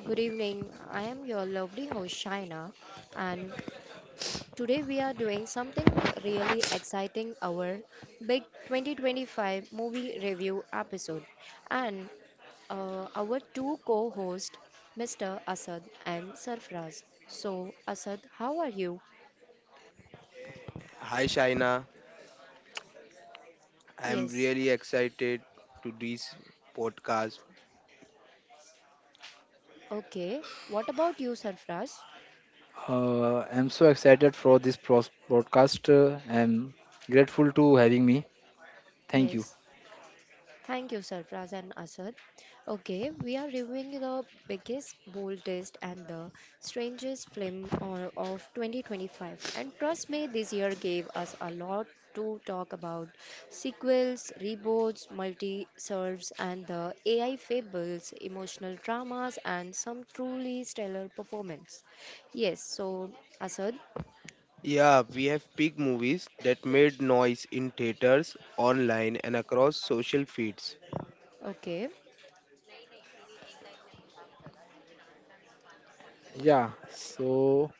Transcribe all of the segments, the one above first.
Good evening. I am your lovely host Shaina, and today we are doing something really exciting, our big 2025 movie review episode. And our two co-hosts Mr. Asad and Sarfraz. So Asad, how are you? Hi Shaina, I'm Yes. really excited to this podcast. Okay. What about you Sarfraz? I'm so excited for this broadcast. I'm grateful to having me. Thank you. Yes. Thank you, Sarfraz and Asad. Okay, we are reviewing the biggest, boldest, and the strangest film of 2025. And trust me, this year gave us a lot to talk about: sequels, reboots, multi serves, and the AI fables, emotional dramas, and some truly stellar performance. Yes, so Asad, Yeah, we have big movies that made noise in theaters, online, and across social feeds. okay, Yeah. So,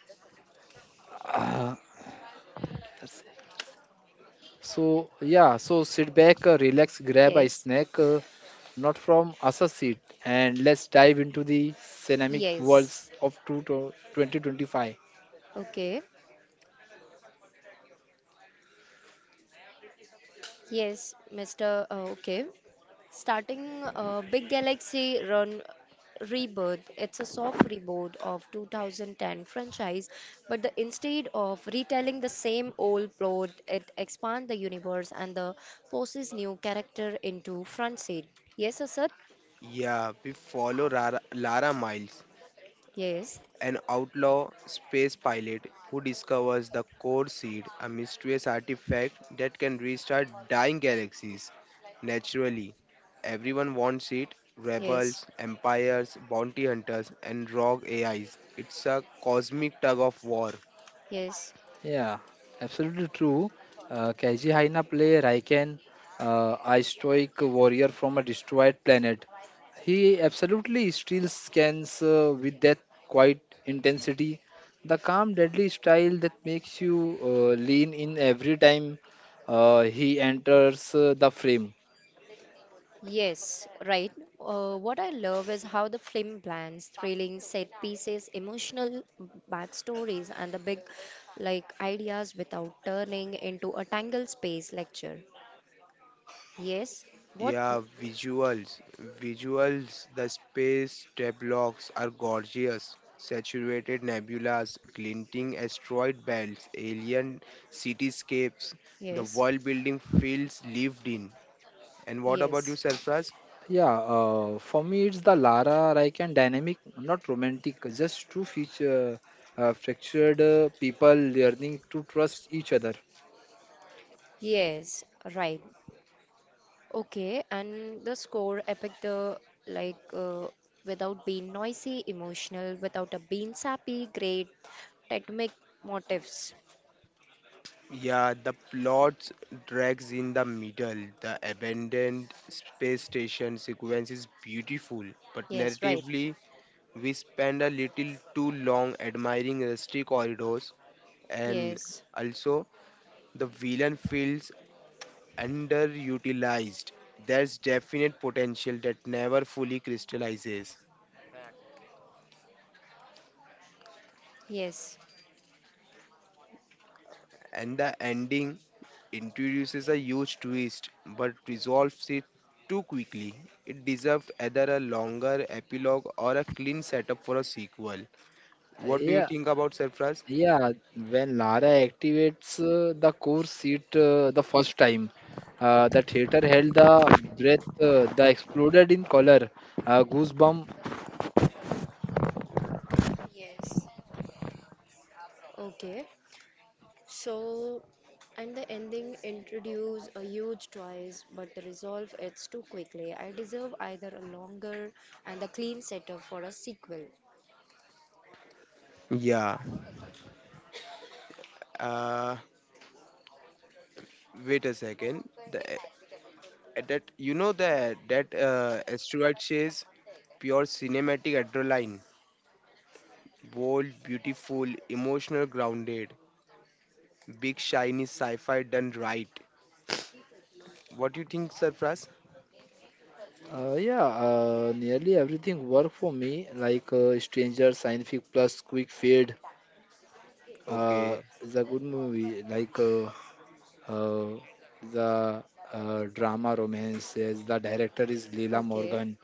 uh, that's so yeah. So sit back, relax, grab a yes, snack, not from us a seat, and let's dive into the cinematic yes, worlds of two to 2025. okay, yes, Mr. uh, okay. Starting Big Galaxy Run Rebirth, it's a soft reboot of 2010 franchise, but the, instead of retelling the same old plot, it expands the universe and the forces new character into front seat. Yes, Asad? Yeah, we follow Lara Miles, Yes, an outlaw space pilot who discovers the core seed, a mysterious artifact that can restart dying galaxies. Naturally, everyone wants it yes, rebels, empires, bounty hunters, and rogue AIs. It's a cosmic tug of war. yes. Yeah, absolutely true. Kaiji Haina play Raiken, a stoic warrior from a destroyed planet. He absolutely still scans with that quiet intensity, the calm, deadly style that makes you lean in every time he enters the frame. Yes, right. What I love is how the film blends thrilling set pieces, emotional backstories, and the big like ideas without turning into a tangled space lecture. Yes, what? Yeah, visuals. Visuals, the space tableaux are gorgeous. Saturated nebulas, glinting asteroid belts, alien cityscapes. The Yes, world building feels lived in. And what about you, yes, Sarfraz? Yeah, for me it's the Lara Raiken dynamic, not romantic, just two feature, fractured people learning to trust each other. yes, right. Okay, and the score epic the like uh, without being noisy, emotional, without a being sappy, great, rhythmic motifs. Yeah, the plot drags in the middle. The abandoned space station sequence is beautiful, but Yes, right. narratively, we spend a little too long admiring rusty corridors, and Yes, also the villain feels underutilized. There's definite potential that never fully crystallizes, yes. and the ending introduces a huge twist but resolves it too quickly. It deserved either a longer epilogue or a clean setup for a sequel. What do you Yeah, think about Surprise? yeah. When Lara activates the core seat the first time, the theater held the breath, the exploded in color, goosebump. Yes. Okay, so and the ending introduce a huge choice, but the resolve it's too quickly. I deserve either a longer and a clean setup for a sequel. Yeah. Uh, Wait a second. The, that you know that that asteroid chase, pure cinematic adrenaline. Bold, beautiful, emotional, grounded. Big, shiny sci fi done right. What do you think, Sarfraz? Yeah, nearly everything worked for me, like Stranger, Scientific Plus, Quick Fade. Okay. Is a good movie. Like Uh, the drama romance, the director is Leela Okay, Morgan,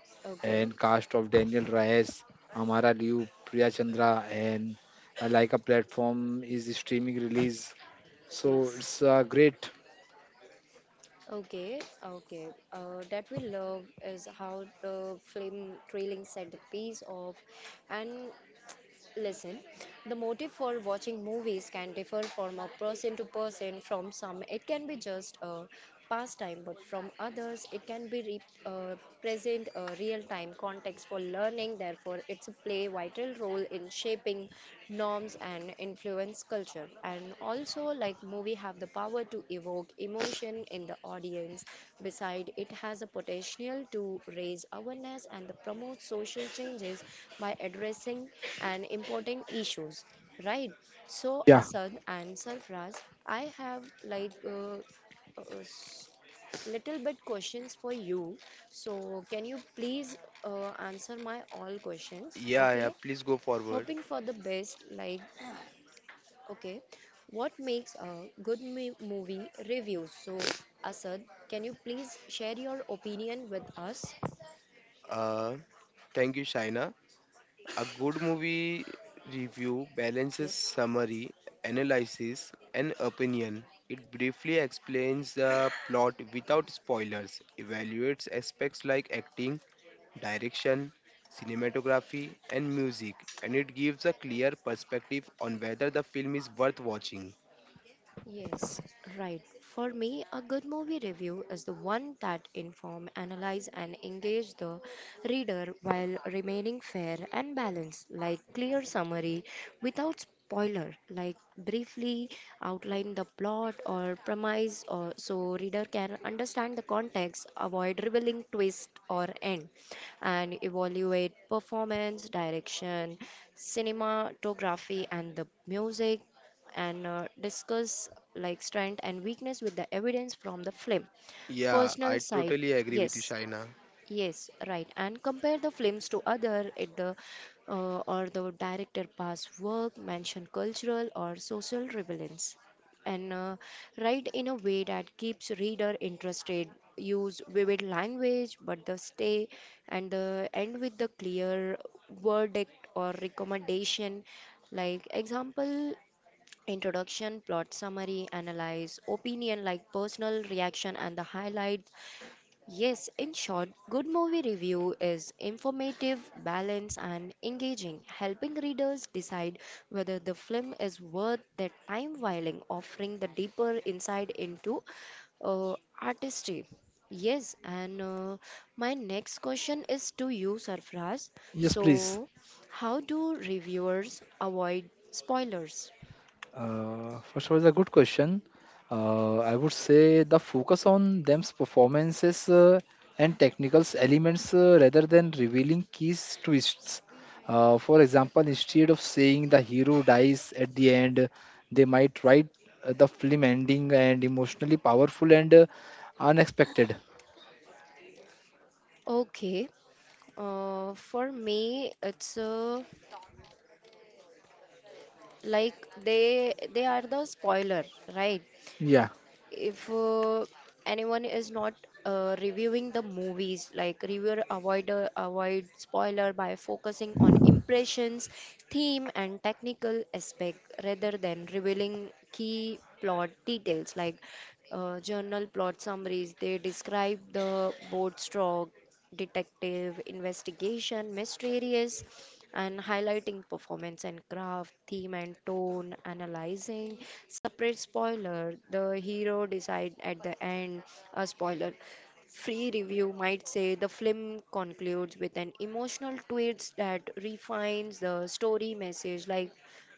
and okay, cast of Daniel Reyes, Amara Liu, Priya Chandra, and like a platform is streaming release. So yes, it's great. okay, okay. That we love is how the film trailing set the piece of, and listen, the motive for watching movies can differ from a person to person. From some, it can be just a pastime, but from others, it can be uh, present a real-time context for learning. Therefore, it's a play vital role in shaping norms and influence culture. And also, like, movie have the power to evoke emotion in the audience. Beside, it has a potential to raise awareness and the promote social changes by addressing an important issues, right? So Yeah. Asad and Sarfraz, I have uh, s- little bit questions for you. So can you please answer my all questions, Yeah, okay? yeah, please go forward. Hoping for the best, like, okay, what makes a good movie review? So, Asad, can you please share your opinion with us? Uh, Thank you, Shaina. A good movie review balances Yes. summary, analysis, and opinion. It briefly explains the plot without spoilers, evaluates aspects like acting, direction, cinematography, and music, and it gives a clear perspective on whether the film is worth watching. Yes, right. For me, a good movie review is the one that inform, analyze and engage the reader while remaining fair and balanced, like clear summary without spoiler, like briefly outline the plot or premise or so reader can understand the context, avoid revealing twist or end, and evaluate performance, direction, cinematography and the music, and discuss like strength and weakness with the evidence from the film. Yeah, Personal I side, totally agree with you, yes, Shaina. yes, right, and compare the films to other at the or the director past work, mention cultural or social relevance, and write in a way that keeps reader interested. Use vivid language, but the stay and the end with the clear verdict or recommendation, like example: introduction, plot summary, analyze, opinion like personal reaction, and the highlights. Yes, in short, good movie review is informative, balanced, and engaging, helping readers decide whether the film is worth their time while offering the deeper insight into uh, artistry. Yes, and my next question is to you, Sarfraz. Yes, please. So, how do reviewers avoid spoilers? First of all, it's a good question. I would say the focus on them's performances and technical elements rather than revealing keys twists. For example, instead of saying the hero dies at the end, they might write the film ending and emotionally powerful and unexpected. Okay, for me, it's like they are the spoiler, right? Yeah, If anyone is not reviewing the movies, like reviewer avoid spoiler by focusing on impressions, theme, and technical aspect rather than revealing key plot details, like journal plot summaries. They describe the board stroke detective investigation mysterious and highlighting performance and craft, theme and tone, analyzing separate spoiler, the hero decide at the end, a spoiler. Free review might say the film concludes with an emotional twist that refines the story message, like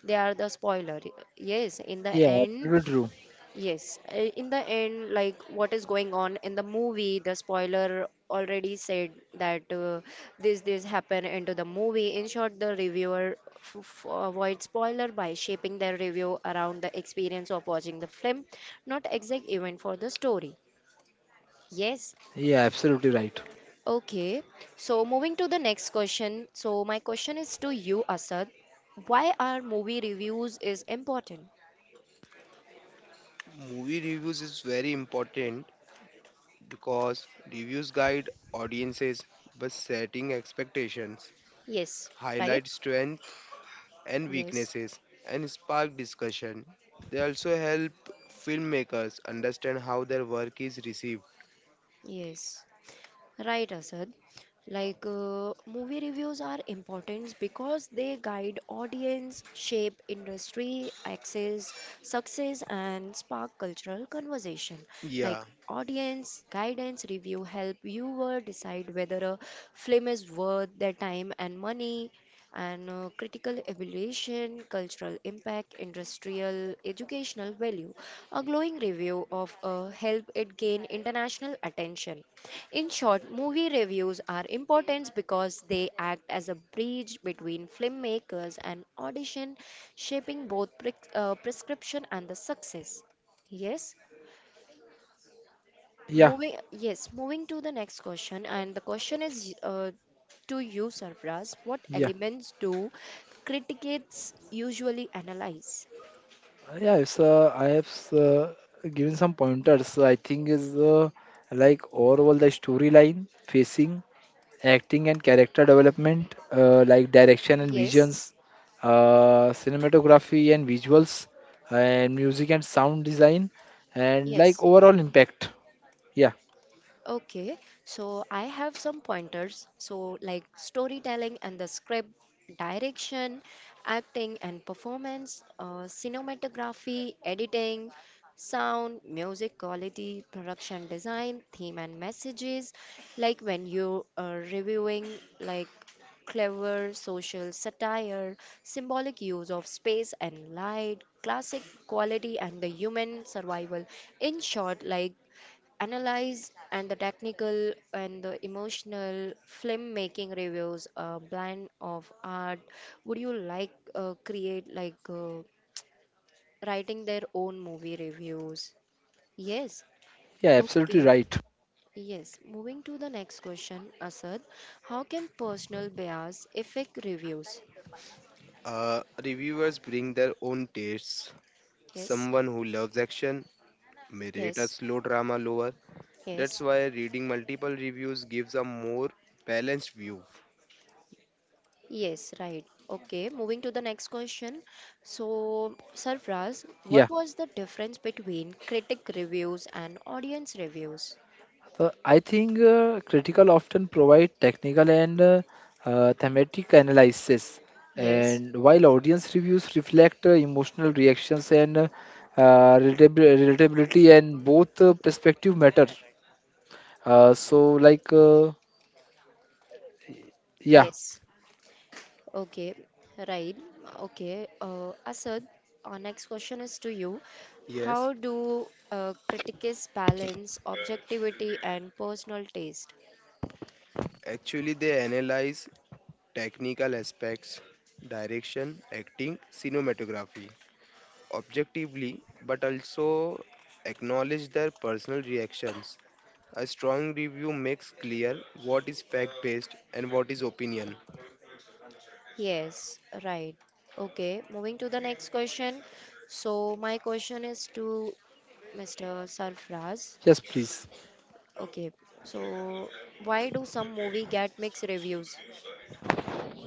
they are the spoiler. Yes, in the yeah, end, absolutely true. yes, in the end, like what is going on in the movie, the spoiler already said that this happened into the movie. In short, the reviewer f f avoid spoiler by shaping their review around the experience of watching the film, not exact event for the story. Yes, Yeah, absolutely right. okay. So moving to the next question. So my question is to you, Asad. Why are movie reviews is important? Movie reviews is very important because reviews guide audiences by setting expectations, Yes, right? highlight strengths and Yes, weaknesses, and spark discussion. They also help filmmakers understand how their work is received. yes. Right, Asad. Like movie reviews are important because they guide audience, shape industry, access, success, and spark cultural conversation. Like Yeah, audience guidance review help viewer decide whether a film is worth their time and money. And critical evaluation, cultural impact, industrial, educational value. A glowing review of help it gain international attention. In short, movie reviews are important because they act as a bridge between filmmakers and audition, shaping both prescription and the success. Yes, Yeah, moving, yes, moving to the next question, and the question is to you, Sarfraz. What yeah. elements do critics usually analyze? I have given some pointers. I think is like overall the storyline, facing, acting, and character development, like direction and Yes, visions, cinematography and visuals, and music and sound design, and like yes. overall impact. Yeah, Okay, so I have some pointers. So, like storytelling and the script, direction, acting and performance, cinematography, editing, sound, music quality, production design, theme and messages. Like when you are reviewing, like clever social satire, symbolic use of space and light, classic quality, and the human survival. In short, like analyze and the technical and the emotional filmmaking reviews a blend of art. Would you create writing their own movie reviews? Yes, yeah, absolutely okay. right. Yes, moving to the next question, Asad. How can personal bias affect reviews? Reviewers bring their own tastes. Yes, Someone who loves action may rate a yes, slow drama lower. That's yes. why reading multiple reviews gives a more balanced view. Yes, right. Okay, moving to the next question. So, Sarfraz, Yeah. what was the difference between critic reviews and audience reviews? So I think critical often provide technical and thematic analysis, Yes, and while audience reviews reflect emotional reactions and relatability, and both perspective matter. Uh, so, like, uh, yeah, yes. Okay, right. Okay, Asad, our next question is to you. Yes, How do critics balance objectivity and personal taste? actually, they analyze technical aspects, direction, acting, cinematography objectively, but also acknowledge their personal reactions. A strong review makes clear what is fact based and what is opinion. Yes, right. Okay, moving to the next question. So, my question is to Mr. Sarfraz. yes, please. Okay, so why do some movie get mixed reviews?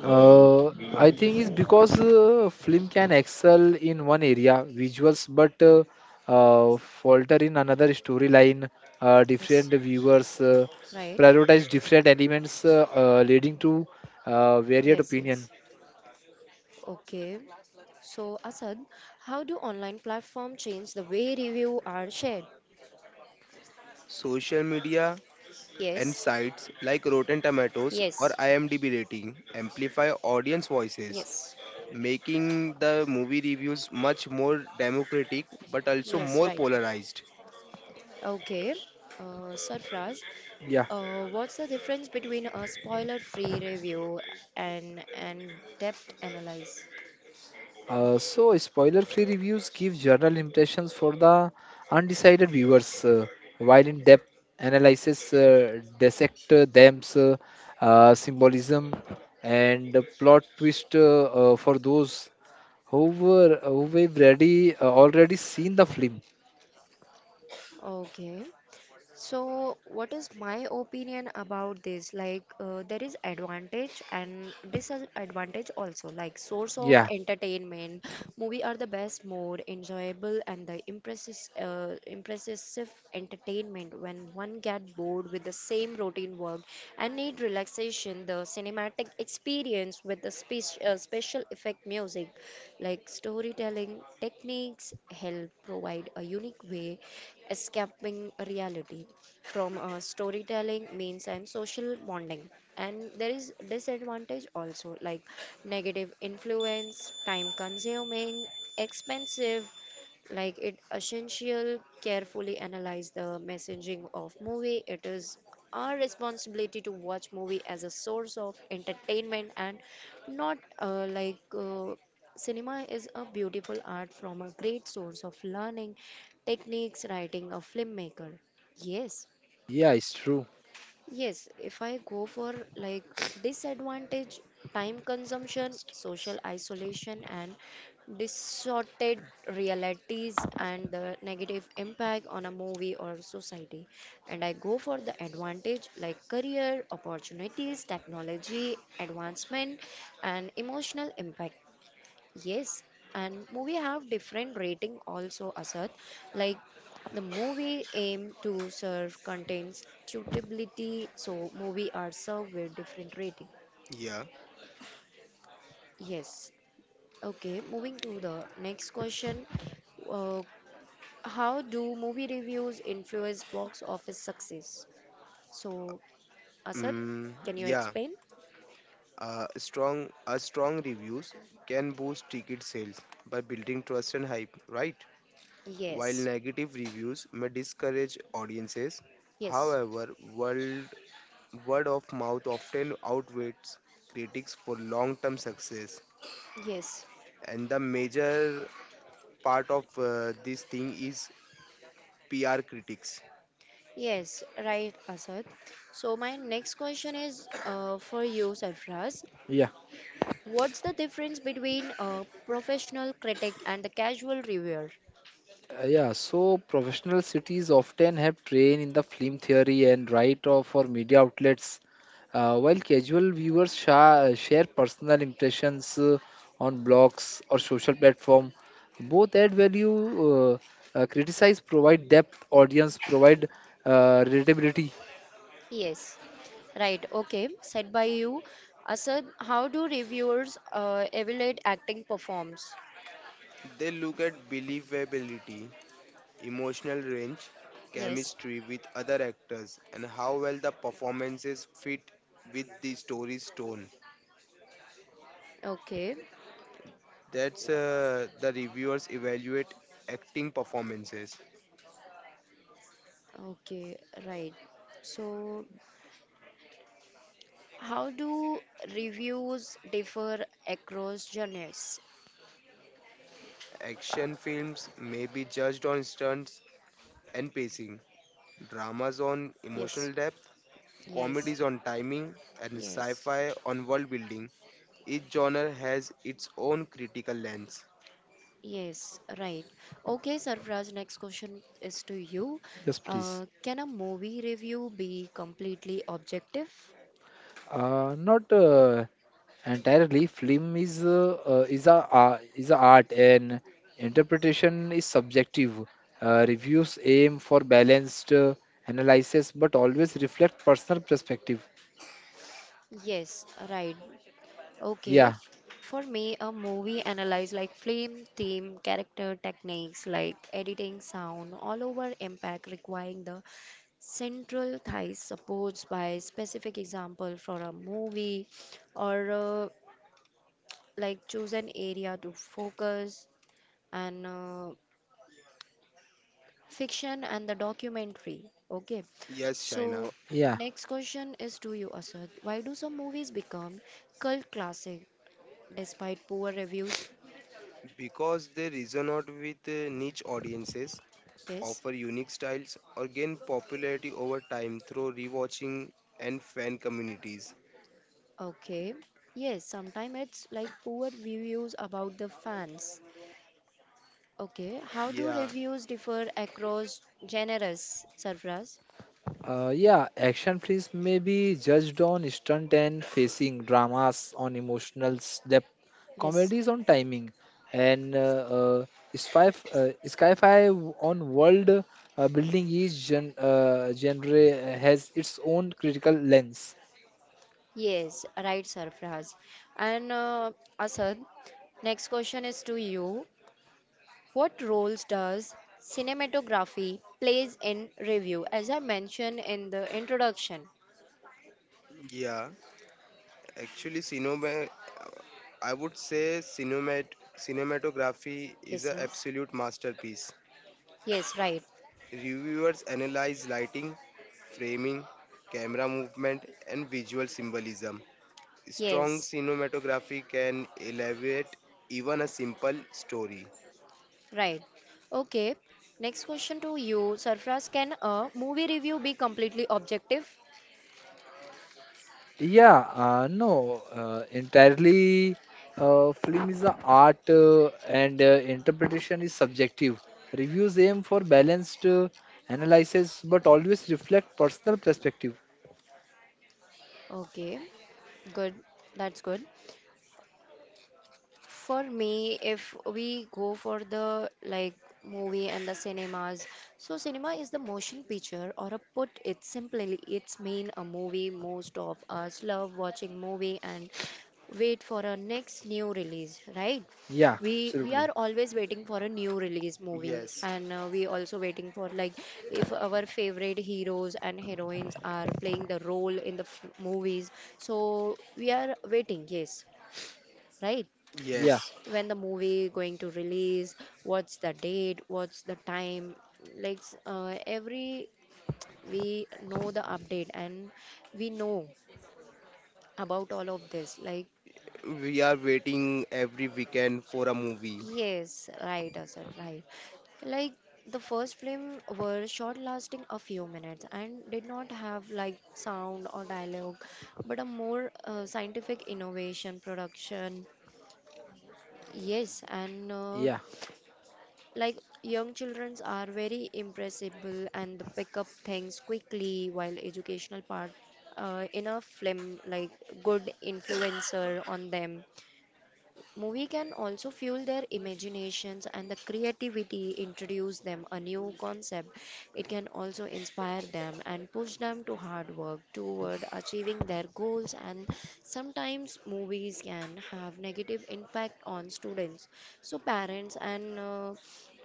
Uh, I think it's because film can excel in one area, visuals, but falter in another storyline. Yes, Different viewers right? prioritize different elements, leading to varied Yes, opinion. yes. Okay, so Asad, how do online platform change the way review are shared? Social media and Yes, sites like Rotten Tomatoes or yes, IMDb rating amplify audience voices, yes, making the movie reviews much more democratic but also yes, more right. polarized. Okay, Sarfraz, Yeah. What's the difference between a spoiler-free review and an depth analyze? Spoiler-free reviews give general impressions for the undecided viewers, while in-depth analysis dissect symbolism, and plot twist for those who have already already seen the film. Okay, so what is my opinion about this? Like, there is advantage and disadvantage also. Like, source of Yeah, entertainment, movie are the best, more enjoyable, and the impressive entertainment. When one get bored with the same routine work and need relaxation, the cinematic experience with the special effect music, like storytelling techniques, help provide a unique way escaping reality from storytelling means and social bonding. And there is disadvantage also, like negative influence, time consuming, expensive, like it essential carefully analyze the messaging of movie. It is our responsibility to watch movie as a source of entertainment and not like cinema is a beautiful art from a great source of learning techniques writing a filmmaker. Yes, yeah, it's true. yes, if I go for like disadvantage, time consumption, social isolation, and distorted realities and the negative impact on a movie or society. And I go for the advantage like career, opportunities, technology, advancement, and emotional impact. Yes, and movie have different rating also, Asad. Like the movie aim to serve contains suitability, so movie are served with different rating. Yeah, Yes. Okay, moving to the next question. Uh, how do movie reviews influence box office success? So, Asad, mm, can you yeah. explain? Strong reviews can boost ticket sales by building trust and hype, right? While Yes. negative reviews may discourage audiences, Yes. however, world word of mouth often outweighs critics for long-term success. Yes. And the major part of this thing is pr critics. Yes, right, Asad. So my next question is for you, Sarfraz. Yeah. What's the difference between a professional critic and the casual reviewer? Yeah, so professional cities often have trained in the film theory and write of for media outlets, while casual viewers share personal impressions on blogs or social platform. Both add value, uh, criticize, provide depth, audience provide relatability. Yes, right. Okay, said by you, Asad. How do reviewers evaluate acting performs? They look at believability, emotional range, Yes. chemistry with other actors, and how well the performances fit with the story's tone. Okay. That's uh, the reviewers evaluate acting performances. Okay. Right. So how do reviews differ across genres? Action films may be judged on stunts and pacing, dramas on Yes. emotional depth, Yes. comedies on timing, and Yes. sci-fi on world building. Each genre has its own critical lens. Yes, right. Okay, Sarfraz, next question is to you. Yes, please. Can a movie review be completely objective? Not entirely. Film is a art and interpretation is subjective. Uh, reviews aim for balanced analysis but always reflect personal perspective. Yes, right. Okay. yeah For me, a movie analyze like film, theme, character, techniques like editing, sound, all over impact requiring the central thighs supports by specific example for a movie or like choose an area to focus and fiction and the documentary. Okay, Yes, Shaina, so yeah next question is to you, Asad. Why do some movies become cult classic despite poor reviews? because they resonate with niche audiences, Yes, offer unique styles, or gain popularity over time through rewatching and fan communities. okay. Yes, sometimes it's like poor reviews about the fans. Okay, how do Yeah, reviews differ across genres, Sarfraz? Yeah, action films may be judged on stunt and facing, dramas on emotional depth, Yes, comedies on timing, and spy, sci-fi on world building. Each genre has its own critical lens. yes, right, Sarfraz. And Asad, next question is to you. What roles does cinematography plays in review? As I mentioned in the introduction. yeah. Actually, cinema, I would say cinematography is Yes, an yes. absolute masterpiece. Yes, right. Reviewers analyze lighting, framing, camera movement, and visual symbolism. Strong Yes, cinematography can elevate even a simple story. right. Okay. Next question to you, Sarfraz. Can a movie review be completely objective? Yeah, no, entirely. Film is a art and interpretation is subjective. Reviews aim for balanced analysis but always reflect personal perspective. Okay. Good. That's good. For me, if we go for the like movie and the cinemas, so cinema is the motion picture, or a put it simply, it's mean a movie. Most of us love watching movie and wait for a next new release, right? Yeah, We are absolutely. always waiting for a new release movie, Yes, and we also waiting for like if our favorite heroes and heroines are playing the role in the f movies, so we are waiting, yes, right? Yeah, yes. When the movie going to release, what's the date, what's the time, every we know the update and we know about all of this, like, We are waiting every weekend for a movie. yes, right, Asad, right. Like the first film were short lasting a few minutes and did not have like sound or dialogue, but a more scientific innovation production. Yes, and yeah, like young children are very impressible and they pick up things quickly, while educational part enough film like good influencer on them. Movie can also fuel their imaginations and the creativity, introduce them a new concept. It can also inspire them and push them to hard work toward achieving their goals. And sometimes movies can have negative impact on students. So parents and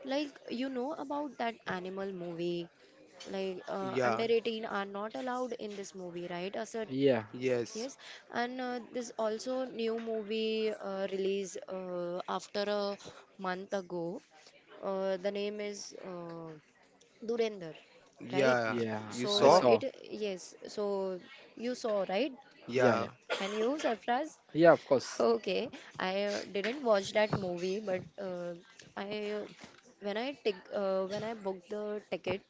like you know about that animal movie, under Yeah, 18 are not allowed in this movie, right, a certain. yeah, yes, Yes, and there's also new movie release after a month ago. The name is Durender, right? yeah. yeah. You I So saw? saw. it, yes. So you saw, right, Yeah, Yeah, yeah, and you surprised? yeah, of course. Okay, I didn't watch that movie, but I when I tick when I booked the ticket,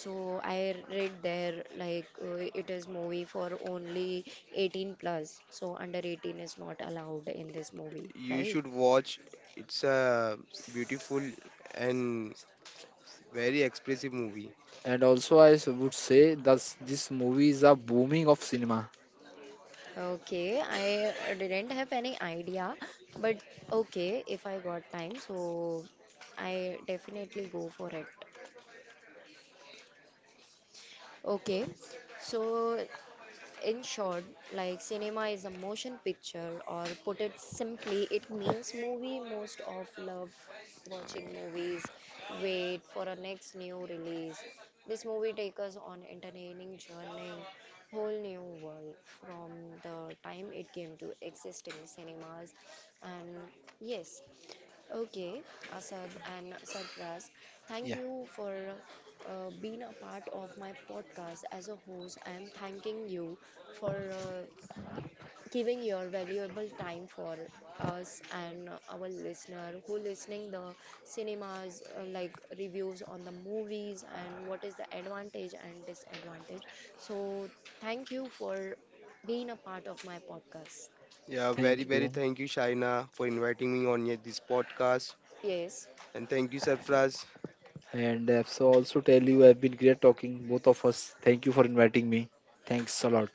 so I read there it is movie for only 18 plus, so under 18 is not allowed in this movie, you right? should watch. It's a beautiful and very expressive movie. And also, would say that this movie is a booming of cinema. Okay, I didn't have any idea, but okay, if I got time, so I definitely go for it. Okay, so in short, like cinema is a motion picture, or put it simply, it means movie. Most of love watching movies, wait for a next new release. This movie takes us on entertaining journey, whole new world from the time it came to existing cinemas, and yes, okay, Asad and Sarfraz, thank Yeah, you for being a part of my podcast as a host. I am thanking you for giving your valuable time for us and our listener who listening the cinemas like reviews on the movies and what is the advantage and disadvantage. So thank you for being a part of my podcast. Yeah, Thank very, thank you. very you. thank you, Shaina, for inviting me on your- this podcast. Yes. And thank you, Sarfraz. And so also tell you I've been great talking both of us. Thank you for inviting me. Thanks a lot.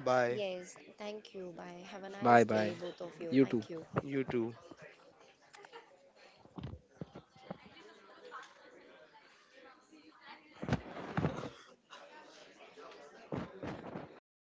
Bye. Yes, thank you. Bye. Have a nice Bye day, bye. both of you. You too. Thank you. You too.